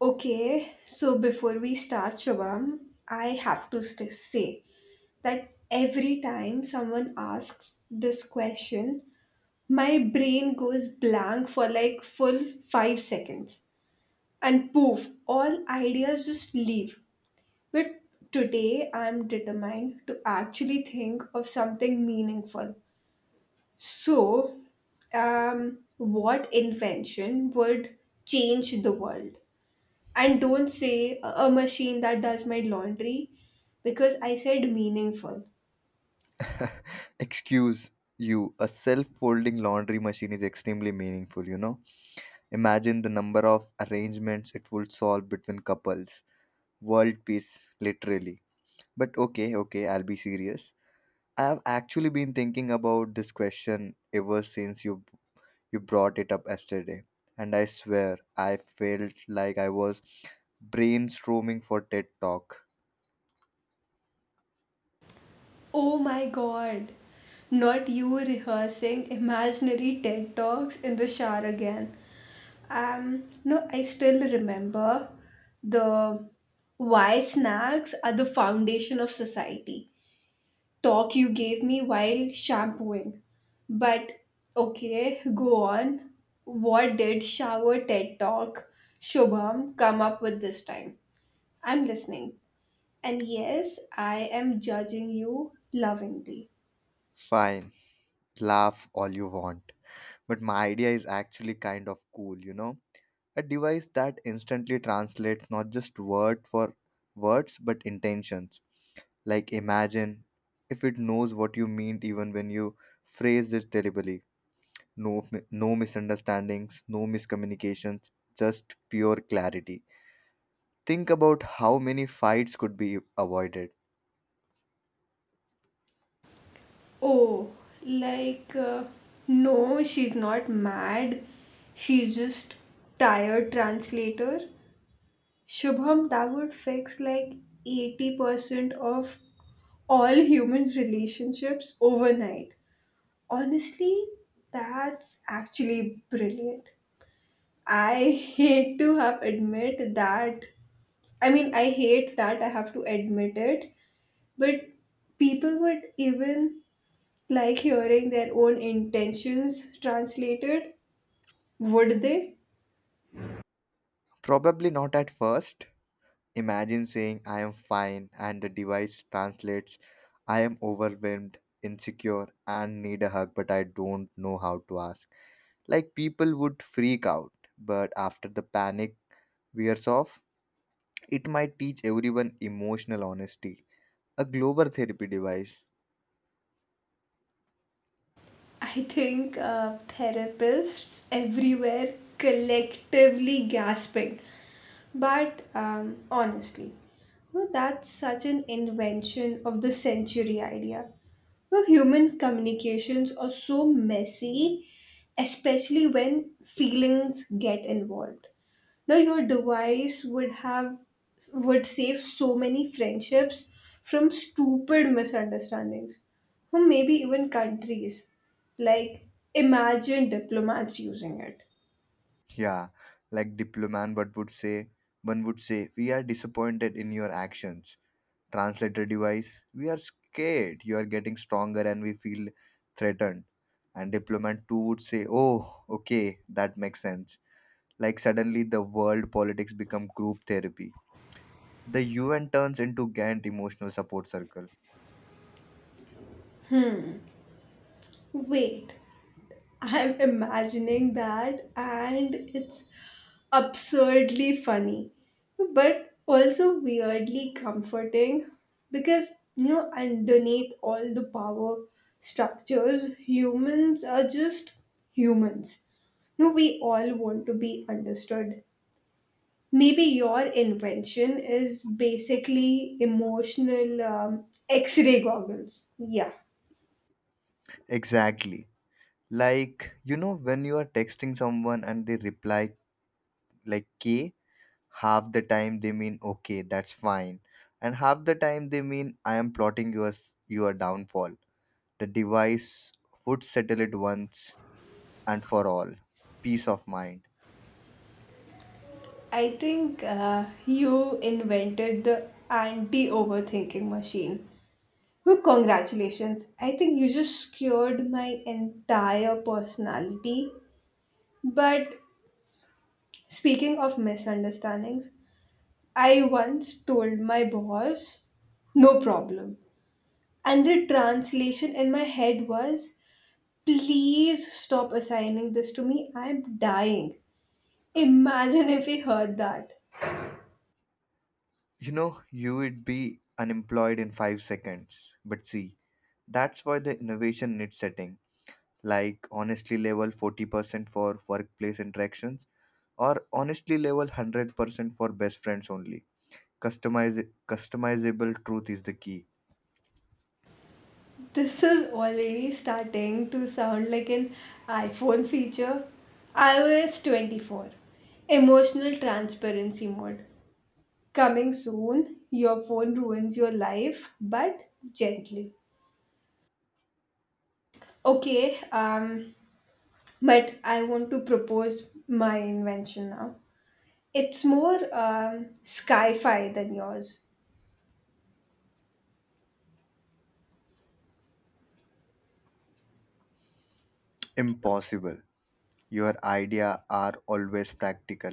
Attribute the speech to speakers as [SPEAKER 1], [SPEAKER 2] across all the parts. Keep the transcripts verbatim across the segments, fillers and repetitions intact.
[SPEAKER 1] Okay, so before we start, Shubham, I have to st- say that every time someone asks this question, my brain goes blank for like full five seconds and poof, all ideas just leave. But today I'm determined to actually think of something meaningful. So, um, what invention would change the world? And don't say a a machine that does my laundry because I said meaningful.
[SPEAKER 2] Excuse you, a self folding laundry machine is extremely meaningful, you know? Imagine the number of arrangements it would solve between couples. World peace, literally. But okay, okay, I'll be serious. I have actually been thinking about this question ever since you you brought it up yesterday. And I swear I felt like I was brainstorming for TED talk.
[SPEAKER 1] Oh my god. Not you rehearsing imaginary TED Talks in the shower again. Um, no, I still remember the "why snacks are the foundation of society" talk you gave me while shampooing. But okay, go on. What did Shower TED Talk Shubham come up with this time? I'm listening. And yes, I am judging you lovingly.
[SPEAKER 2] Fine, laugh all you want, but my idea is actually kind of cool, you know? A device that instantly translates not just word for words, but intentions. Like, imagine if it knows what you mean even when you phrase it terribly. No mi- no misunderstandings, no miscommunications, just pure clarity. Think about how many fights could be avoided.
[SPEAKER 1] Oh, like, uh, no, she's not mad. She's just tired translator. Shubham, that would fix like eighty percent of all human relationships overnight. Honestly, that's actually brilliant. I hate to have admit that. I mean, I hate that I have to admit it, but people would even like hearing their own intentions translated, would they?
[SPEAKER 2] Probably not at first. Imagine saying I am fine and the device translates I am overwhelmed, insecure, and need a hug, but I don't know how to ask. Like, people would freak out, but after the panic wears off, it might teach everyone emotional honesty. A global therapy device.
[SPEAKER 1] I think uh, therapists everywhere collectively gasping. But um, honestly, no, that's such an invention of the century idea. No, human communications are so messy, especially when feelings get involved. No, your device would have would save so many friendships from stupid misunderstandings, or maybe even countries. Like, imagine diplomats using it.
[SPEAKER 2] Yeah, like diplomat what would say, one would say, we are disappointed in your actions. Translator device, we are scared, you are getting stronger and we feel threatened. And diplomat two would say, oh, okay, that makes sense. Like, suddenly the world politics become group therapy, the U N turns into Gantt emotional support circle.
[SPEAKER 1] Wait, I'm imagining that, and it's absurdly funny, but also weirdly comforting because, you know, underneath all the power structures, humans are just humans. No, we all want to be understood. Maybe your invention is basically emotional um, X ray goggles. Yeah.
[SPEAKER 2] Exactly. Like, you know, when you are texting someone and they reply like K, half the time they mean okay, that's fine. And half the time they mean I am plotting your s- your downfall. The device would settle it once and for all. Peace of mind.
[SPEAKER 1] I think uh, you invented the anti overthinking machine. Well, congratulations. I think you just cured my entire personality. But speaking of misunderstandings, I once told my boss, no problem. And the translation in my head was, please stop assigning this to me. I'm dying. Imagine if he heard that.
[SPEAKER 2] You know, you would be unemployed in five seconds. But see, that's why the innovation needs setting, like honestly level forty percent for workplace interactions, or honestly level one hundred percent for best friends only. Customize customizable truth is the key.
[SPEAKER 1] This is already starting to sound like an iPhone feature. iOS twenty-four Emotional Transparency Mode. Coming soon, your phone ruins your life, but gently. Okay, um, but I want to propose my invention now. It's more um, sci fi than yours.
[SPEAKER 2] Impossible. Your idea are always practical.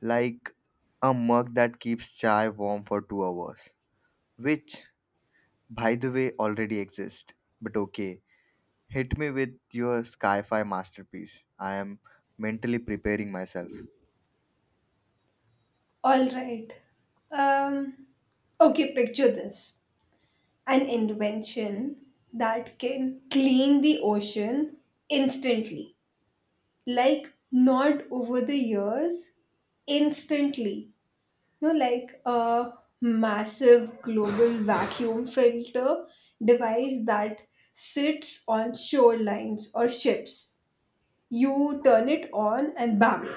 [SPEAKER 2] Like a mug that keeps chai warm for two hours, which by the way already exists. But okay, hit me with your sci-fi masterpiece. I am mentally preparing myself.
[SPEAKER 1] Alright. Um, okay, picture this. An invention that can clean the ocean instantly. Like, not over the years, instantly. You know, like a massive global vacuum filter device that sits on shorelines or ships. You turn it on, and bam,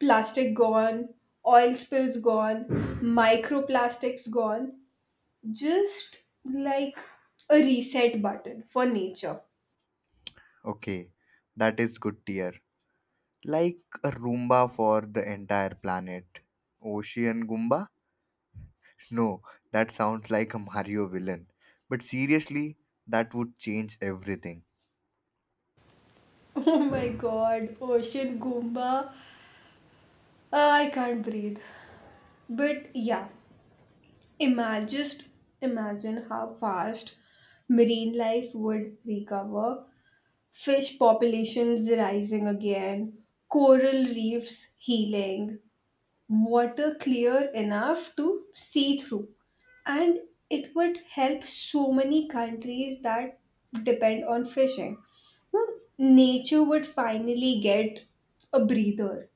[SPEAKER 1] plastic gone, oil spills gone, microplastics gone, just like a reset button for nature.
[SPEAKER 2] Okay, that is good tier. Like a Roomba for the entire planet. Ocean Goomba? No, that sounds like a Mario villain. But seriously, that would change everything.
[SPEAKER 1] Oh my god, ocean Goomba. Uh, I can't breathe. But yeah, imagine just imagine how fast marine life would recover, fish populations rising again, coral reefs healing, water clear enough to see through. And it would help so many countries that depend on fishing. Well, nature would finally get a breather.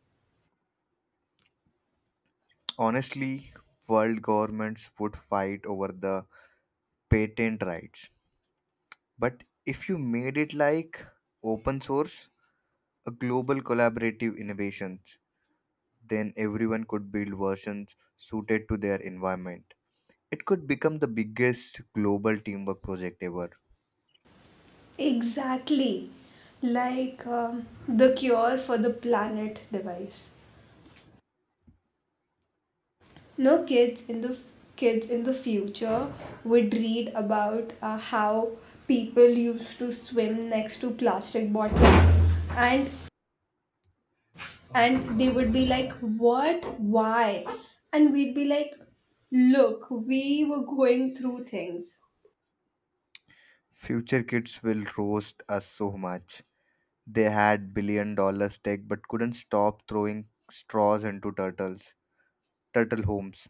[SPEAKER 2] Honestly, world governments would fight over the patent rights. But if you made it like open source, a global collaborative innovations, then everyone could build versions suited to their environment. It could become the biggest global teamwork project ever.
[SPEAKER 1] Exactly. Like um, the cure for the planet device. No, kids in the f- kids in the future would read about uh, how people used to swim next to plastic bottles, and and they would be like, what, why? And we'd be like, look, we were going through things.
[SPEAKER 2] Future kids will roast us so much. They had billion dollar tech but couldn't stop throwing straws into turtles, turtle homes.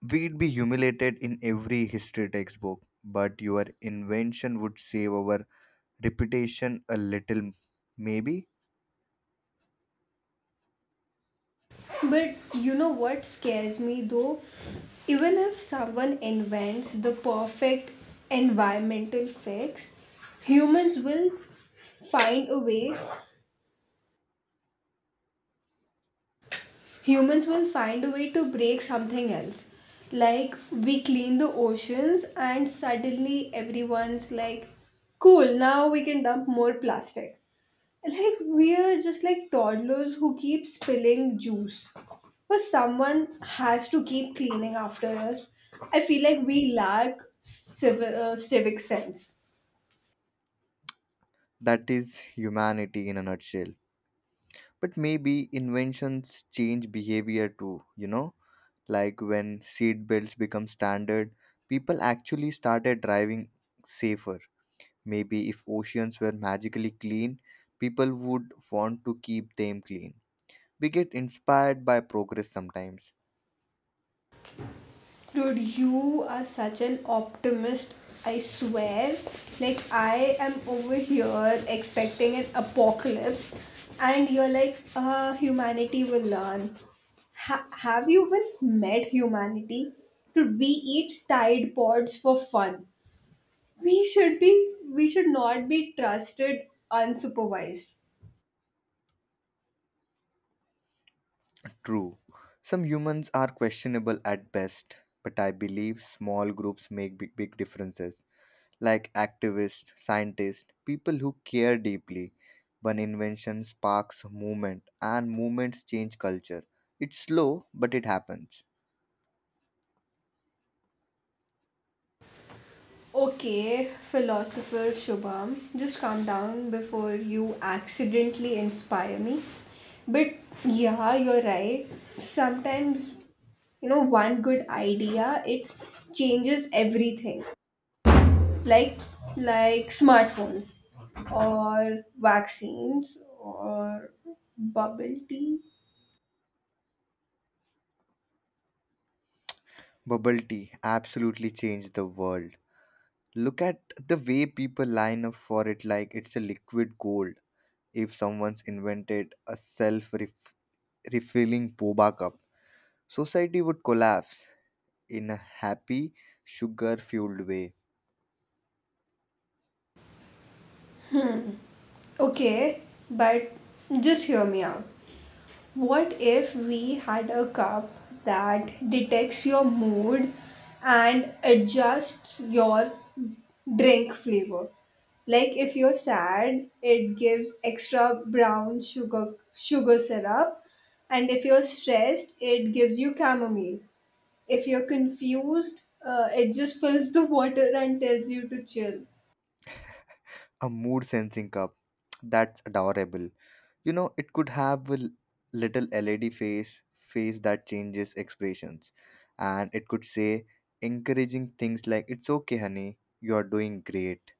[SPEAKER 2] We'd be humiliated in every history textbook, but your invention would save our reputation a little, maybe.
[SPEAKER 1] But you know what scares me, though? Even if someone invents the perfect environmental fix, humans will find a way humans will find a way to break something else. Like, we clean the oceans, and suddenly everyone's like, cool, now we can dump more plastic. Like, we're just like toddlers who keep spilling juice. But someone has to keep cleaning after us. I feel like we lack civ- uh, civic sense.
[SPEAKER 2] That is humanity in a nutshell. But maybe inventions change behavior too, you know? Like when seat belts become standard, people actually started driving safer. Maybe if oceans were magically clean, people would want to keep them clean. We get inspired by progress sometimes.
[SPEAKER 1] Dude, you are such an optimist. I swear. Like, I am over here expecting an apocalypse, and you're like, uh, humanity will learn. Ha- have you even met humanity? Dude, we eat Tide Pods for fun. We should be, we should not be trusted unsupervised.
[SPEAKER 2] True, some humans are questionable at best, but I believe small groups make big, big differences, like activists, scientists, people who care deeply. One invention sparks movement, and movements change culture. It's slow, but it happens.
[SPEAKER 1] Okay, philosopher Shubham, just calm down before you accidentally inspire me. But yeah, you're right. Sometimes, you know, one good idea, it changes everything. Like like smartphones or vaccines or bubble tea.
[SPEAKER 2] Bubble tea absolutely changed the world. Look at the way people line up for it like it's a liquid gold. If someone's invented a self refilling boba cup, society would collapse in a happy, sugar fueled way.
[SPEAKER 1] Okay, but just hear me out. What if we had a cup that detects your mood and adjusts your drink flavor? Like if you're sad, it gives extra brown sugar sugar syrup, and if you're stressed, it gives you chamomile. If you're confused, uh, it just fills the water and tells you to chill.
[SPEAKER 2] A mood sensing cup. That's adorable. You know, it could have a l- little L E D face, face that changes expressions. And it could say encouraging things like, it's okay, honey, you are doing great.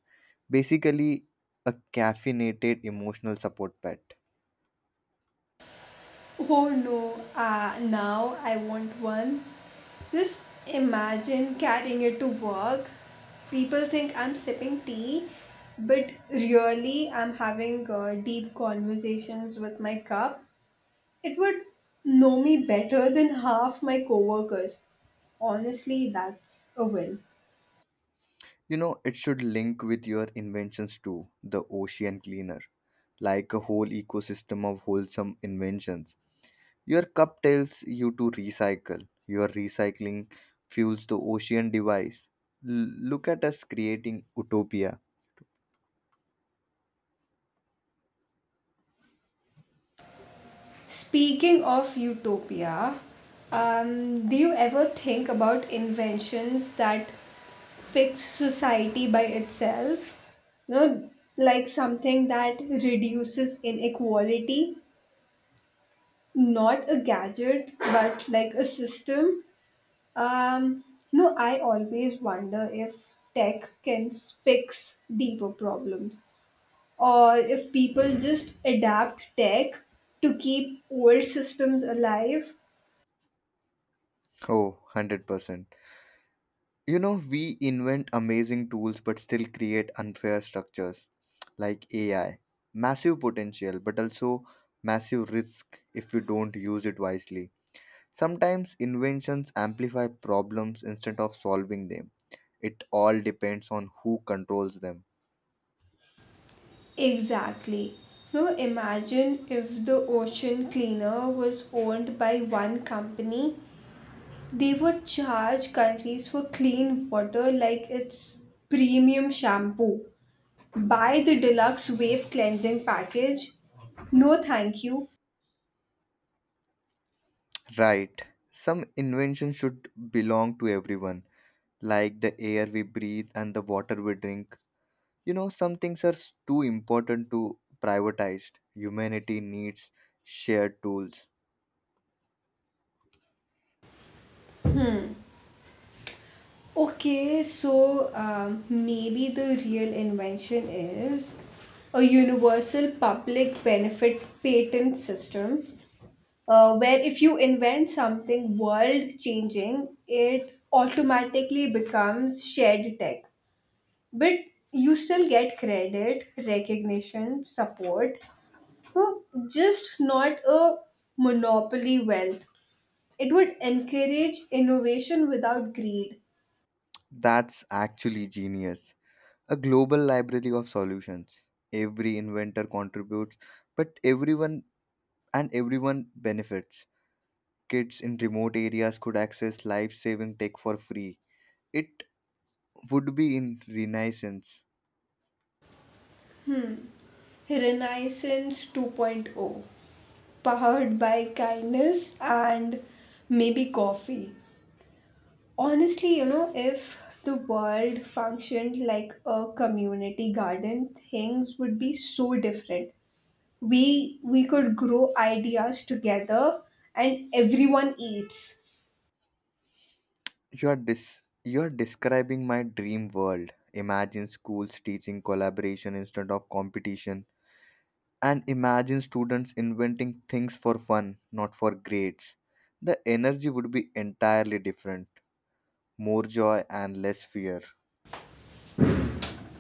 [SPEAKER 2] Basically, a caffeinated emotional support pet.
[SPEAKER 1] Oh no, uh, now I want one. Just imagine carrying it to work. People think I'm sipping tea, but really I'm having uh, deep conversations with my cup. It would know me better than half my coworkers. Honestly, that's a win.
[SPEAKER 2] You know, it should link with your inventions too, the ocean cleaner, like a whole ecosystem of wholesome inventions. Your cup tells you to recycle, your recycling fuels the ocean device. L- look at us creating utopia.
[SPEAKER 1] Speaking of utopia, um, do you ever think about inventions that fix society by itself? You know, like something that reduces inequality, not a gadget, but like a system. Um, no, I always wonder if tech can s- fix deeper problems, or if people just adapt tech to keep old systems alive.
[SPEAKER 2] Oh, one hundred percent. You know, we invent amazing tools but still create unfair structures like A I. Massive potential, but also massive risk if you don't use it wisely. Sometimes inventions amplify problems instead of solving them. It all depends on who controls them.
[SPEAKER 1] Exactly. Now imagine if the ocean cleaner was owned by one company, they would charge countries for clean water like it's premium shampoo. Buy the deluxe wave cleansing package. No, thank you.
[SPEAKER 2] Right. Some inventions should belong to everyone, like the air we breathe and the water we drink. You know, some things are s- too important to privatized. Humanity needs shared tools.
[SPEAKER 1] Okay, so um, maybe the real invention is a universal public benefit patent system, uh, where if you invent something world changing, it automatically becomes shared tech. But you still get credit, recognition, support, no, just not a monopoly wealth. It would encourage innovation without greed.
[SPEAKER 2] That's actually genius. A global library of solutions. Every inventor contributes, but everyone and everyone benefits. Kids in remote areas could access life-saving tech for free. It would be in renaissance.
[SPEAKER 1] Renaissance 2.0, powered by kindness and maybe coffee. Honestly, you know, if the world functioned like a community garden, things would be so different. We we could grow ideas together and everyone eats.
[SPEAKER 2] You're dis- you're describing my dream world. Imagine schools teaching collaboration instead of competition, and imagine students inventing things for fun, not for grades. The energy would be entirely different, more joy and less fear.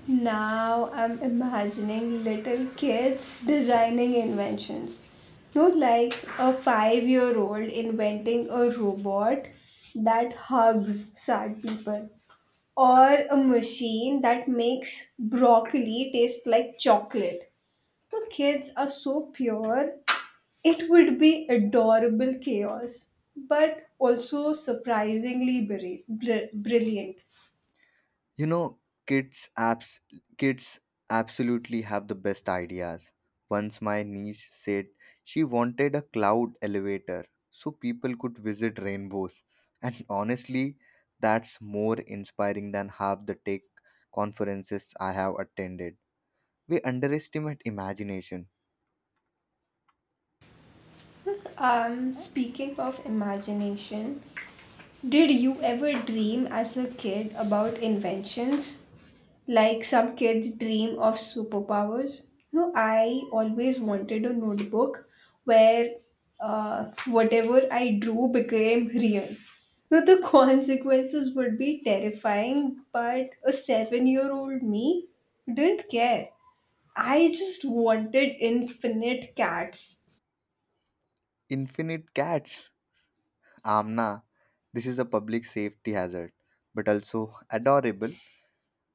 [SPEAKER 1] Now I'm imagining little kids designing inventions. No, like a five year old inventing a robot that hugs sad people, or a machine that makes broccoli taste like chocolate. The kids are so pure, it would be adorable chaos, but also surprisingly bri- bri- brilliant.
[SPEAKER 2] You know, kids abs- kids absolutely have the best ideas. Once my niece said she wanted a cloud elevator so people could visit rainbows. And honestly, that's more inspiring than half the tech conferences I have attended. We underestimate imagination.
[SPEAKER 1] Um, speaking of imagination, did you ever dream as a kid about inventions? Like some kids dream of superpowers? No, I always wanted a notebook where uh, whatever I drew became real. No, the consequences would be terrifying, but a seven year old me didn't care. I just wanted infinite cats.
[SPEAKER 2] Infinite cats. Amna, this is a public safety hazard, but also adorable.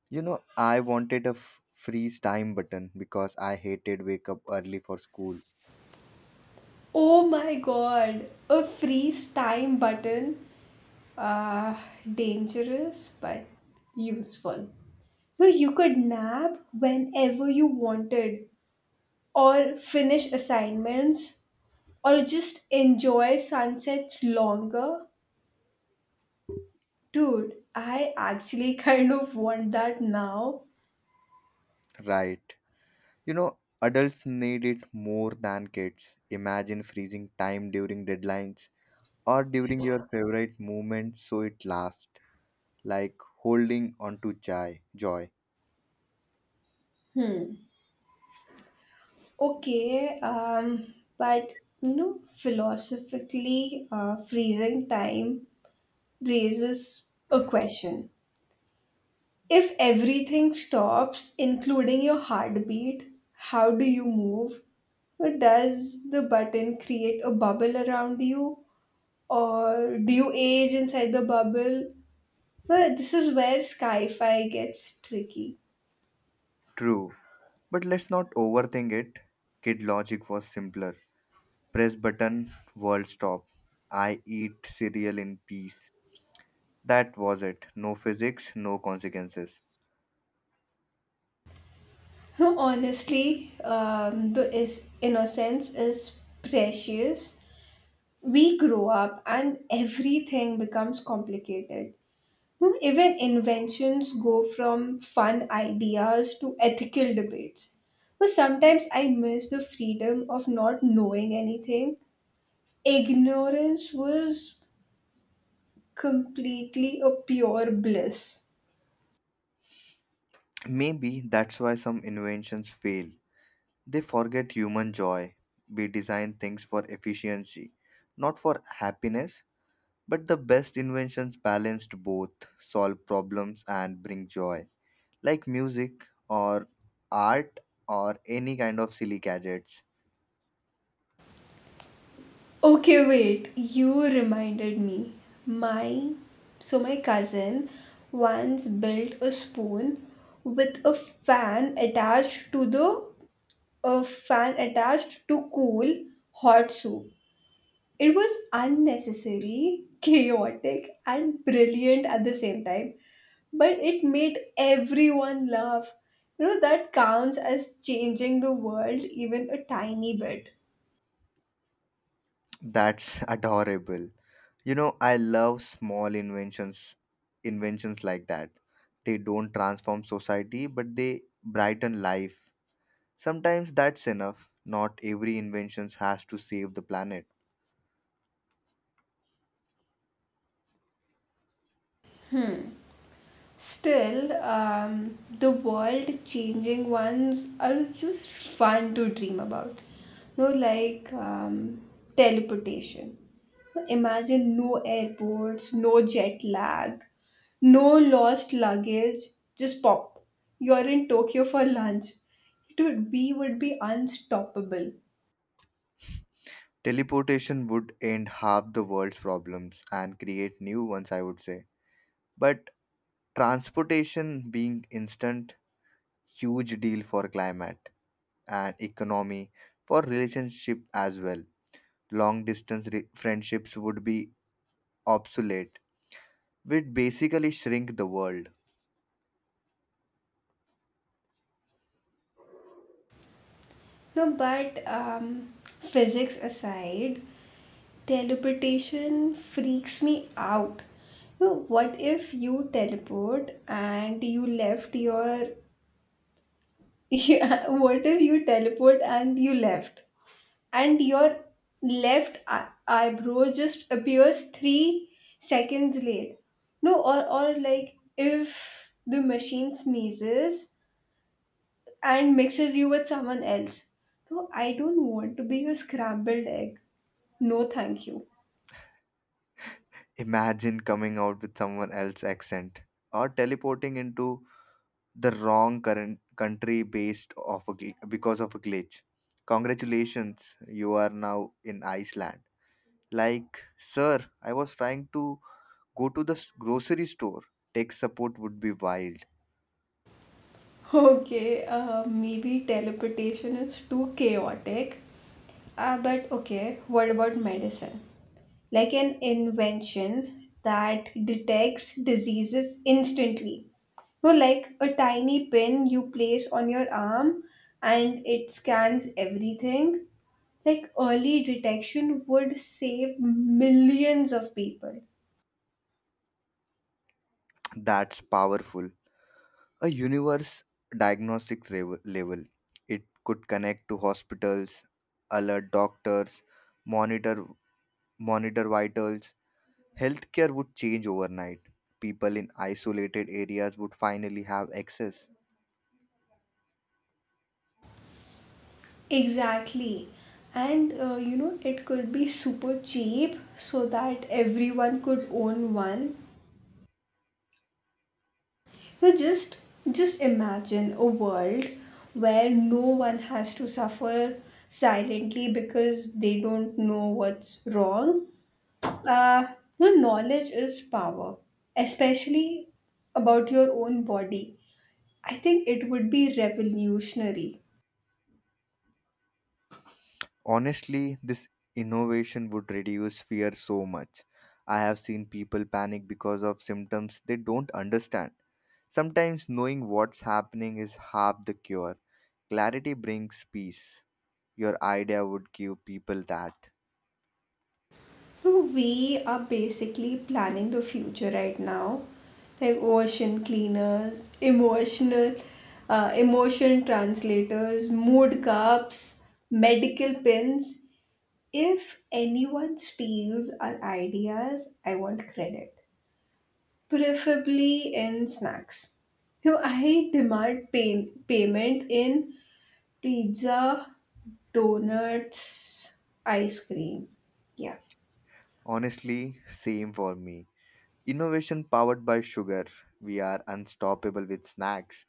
[SPEAKER 2] You know, I wanted a f- freeze time button because I hated wake up early for school.
[SPEAKER 1] Oh my god, a freeze time button. Uh, Dangerous but useful. Where you could nap whenever you wanted, or finish assignments, or just enjoy sunsets longer. Dude, I actually kind of want that now.
[SPEAKER 2] Right. You know, adults need it more than kids. Imagine freezing time during deadlines or during your favorite moment so it lasts, like holding onto joy. Joy.
[SPEAKER 1] Okay, um, but you know, philosophically, uh, freezing time raises a question. If everything stops, including your heartbeat, how do you move? Does the button create a bubble around you, or do you age inside the bubble? Well, this is where sci-fi gets tricky.
[SPEAKER 2] True. But let's not overthink it. Kid logic was simpler. Press button, world stop. I eat cereal in peace. That was it. No physics, no consequences.
[SPEAKER 1] Honestly, um, the is innocence is precious. We grow up, and everything becomes complicated. Hmm, Even inventions go from fun ideas to ethical debates. But sometimes I miss the freedom of not knowing anything. Ignorance was completely a pure bliss.
[SPEAKER 2] Maybe that's why some inventions fail. They forget human joy. We design things for efficiency, not for happiness. But the best inventions balanced both, solve problems and bring joy. Like music or art or any kind of silly gadgets.
[SPEAKER 1] Okay, wait, you reminded me. My so my cousin once built a spoon with a fan attached to the a fan attached to cool hot soup. It was unnecessary, chaotic, and brilliant at the same time, but it made everyone laugh. You know, that counts as changing the world even a tiny bit.
[SPEAKER 2] That's adorable. You know, I love small inventions inventions like that. They don't transform society, but they brighten life. Sometimes that's enough. Not every invention has to save the planet.
[SPEAKER 1] Still, um, the world changing ones are just fun to dream about. No, like um, teleportation. Imagine no airports, no jet lag, no lost luggage. Just pop. You're in Tokyo for lunch. It would be would be unstoppable.
[SPEAKER 2] Teleportation would end half the world's problems and create new ones, I would say. But transportation being instant, huge deal for climate and economy, for relationship as well, long distance re- friendships would be obsolete. We'd basically shrink the world.
[SPEAKER 1] No, but um, physics aside, teleportation freaks me out. You know, what if you teleport and you left your. Yeah, what if you teleport and you left? And your left eye- eyebrow just appears three seconds late. No, or, or like if the machine sneezes and mixes you with someone else. No, I don't want to be a scrambled egg. No, thank you.
[SPEAKER 2] Imagine coming out with someone else's accent or teleporting into the wrong current country based off a gl- because of a glitch. Congratulations, you are now in Iceland. Like, sir, I was trying to go to the s- grocery store. Tech support would be wild.
[SPEAKER 1] Okay, uh, maybe teleportation is too chaotic. Uh, but okay, what about medicine? Like an invention that detects diseases instantly. No, like a tiny pin you place on your arm and it scans everything. Like early detection would save millions of people.
[SPEAKER 2] That's powerful. A universe diagnostic rev- level. It could connect to hospitals, alert doctors, monitor monitor vitals. Healthcare would change overnight. People in isolated areas would finally have access.
[SPEAKER 1] Exactly. And uh, you know, it could be super cheap so that everyone could own one. You just just imagine a world where no one has to suffer silently because they don't know what's wrong. Uh, your knowledge is power, especially about your own body. I think it would be revolutionary.
[SPEAKER 2] Honestly, this innovation would reduce fear so much. I have seen people panic because of symptoms they don't understand. Sometimes knowing what's happening is half the cure. Clarity brings peace. Your idea would give people that.
[SPEAKER 1] So we are basically planning the future right now, like ocean cleaners, emotional, uh, emotion translators, mood cups, medical pins. If anyone steals our ideas, I want credit, preferably in snacks. So I demand pay- payment in pizza, donuts, ice cream. Yeah.
[SPEAKER 2] Honestly, same for me. Innovation powered by sugar. We are unstoppable with snacks.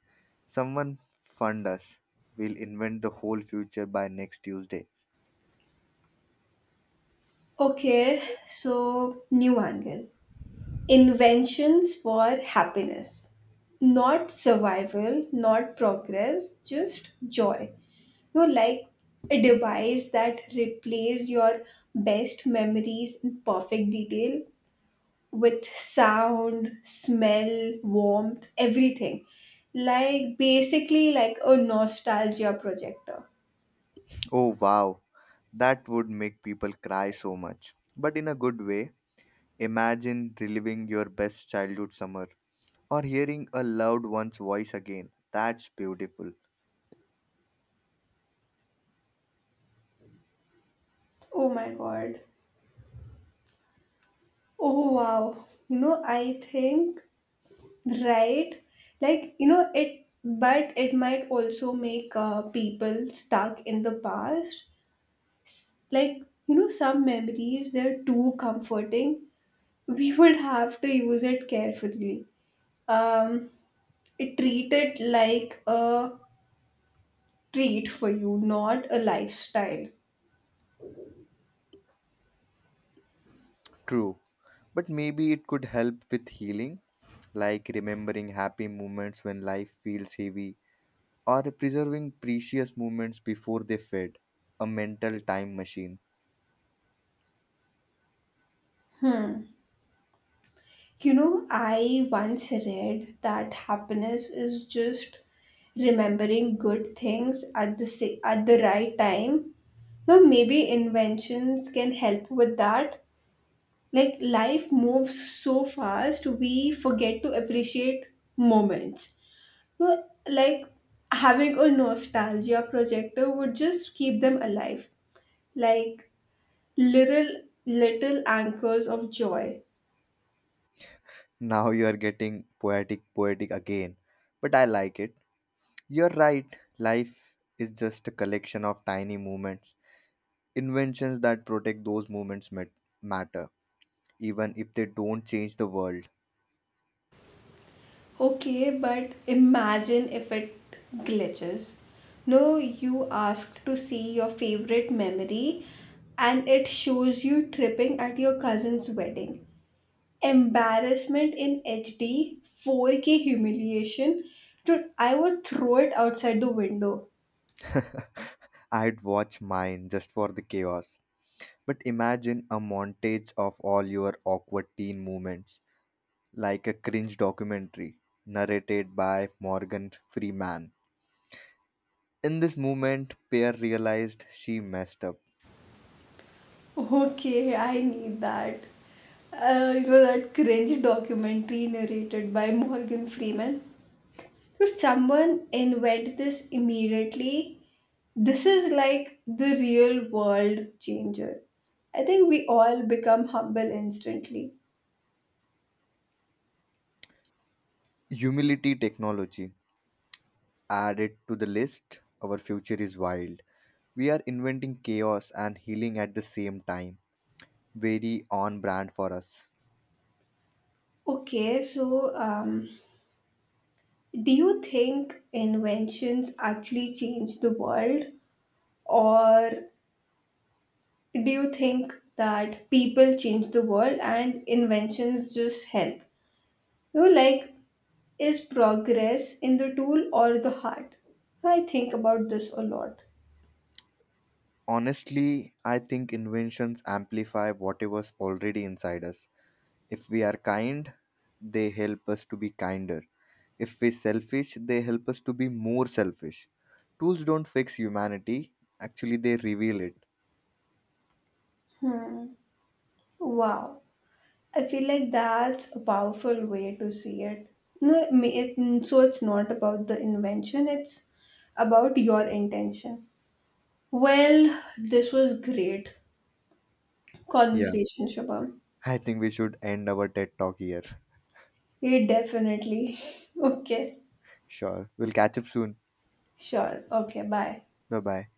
[SPEAKER 2] Someone fund us. We'll invent the whole future by next Tuesday.
[SPEAKER 1] Okay, so new angle. Inventions for happiness. Not survival, not progress, just joy. You know, like a device that replaces your best memories in perfect detail with sound, smell, warmth, everything. Like basically like a nostalgia projector.
[SPEAKER 2] Oh wow, that would make people cry so much. But in a good way, imagine reliving your best childhood summer or hearing a loved one's voice again. That's beautiful.
[SPEAKER 1] Oh my god. Oh wow. You know, I think. Right? Like, you know, it, but it might also make uh, people stuck in the past. S- Like, you know, some memories, they're too comforting. We would have to use it carefully. Um, it treat it like a treat for you, not a lifestyle.
[SPEAKER 2] True. But maybe it could help with healing, like remembering happy moments when life feels heavy or preserving precious moments before they fade. A mental time machine.
[SPEAKER 1] You know, I once read that happiness is just remembering good things at the sa- at the right time. Well, maybe inventions can help with that. Like life moves so fast, we forget to appreciate moments. Well, like having a nostalgia projector would just keep them alive, like little little anchors of joy.
[SPEAKER 2] Now you are getting poetic, poetic again. But I like it. You're right. Life is just a collection of tiny moments. Inventions that protect those moments mat- matter, even if they don't change the world.
[SPEAKER 1] Okay, but imagine if it glitches. No, you ask to see your favorite memory and it shows you tripping at your cousin's wedding. Embarrassment in H D, four K humiliation. Dude, I would throw it outside the window.
[SPEAKER 2] I'd watch mine just for the chaos. But imagine a montage of all your awkward teen moments, like a cringe documentary narrated by Morgan Freeman. In this moment, Pear realized she messed up.
[SPEAKER 1] Okay, I need that. Uh, you know that cringe documentary narrated by Morgan Freeman? Dude, someone invent this immediately. This is like the real world changer. I think we all become humble instantly.
[SPEAKER 2] Humility technology added to the list. Our future is wild. We are inventing chaos and healing at the same time. Very on brand for us.
[SPEAKER 1] Okay, so um, do you think inventions actually change the world, or do you think that people change the world and inventions just help? You know, like, is progress in the tool or the heart? I think about this a lot.
[SPEAKER 2] Honestly, I think inventions amplify whatever's already inside us. If we are kind, they help us to be kinder. If we're selfish, they help us to be more selfish. Tools don't fix humanity, actually, they reveal it.
[SPEAKER 1] Wow, I feel like that's a powerful way to see it. No, it, may- it- so it's not about the invention, it's about your intention. Well, this was great.
[SPEAKER 2] Yeah.
[SPEAKER 1] Conversation, Shubham.
[SPEAKER 2] I think we should end our TED talk here.
[SPEAKER 1] Yeah, definitely. Okay.
[SPEAKER 2] Sure. We'll catch up soon.
[SPEAKER 1] Sure. Okay. Bye.
[SPEAKER 2] Bye bye.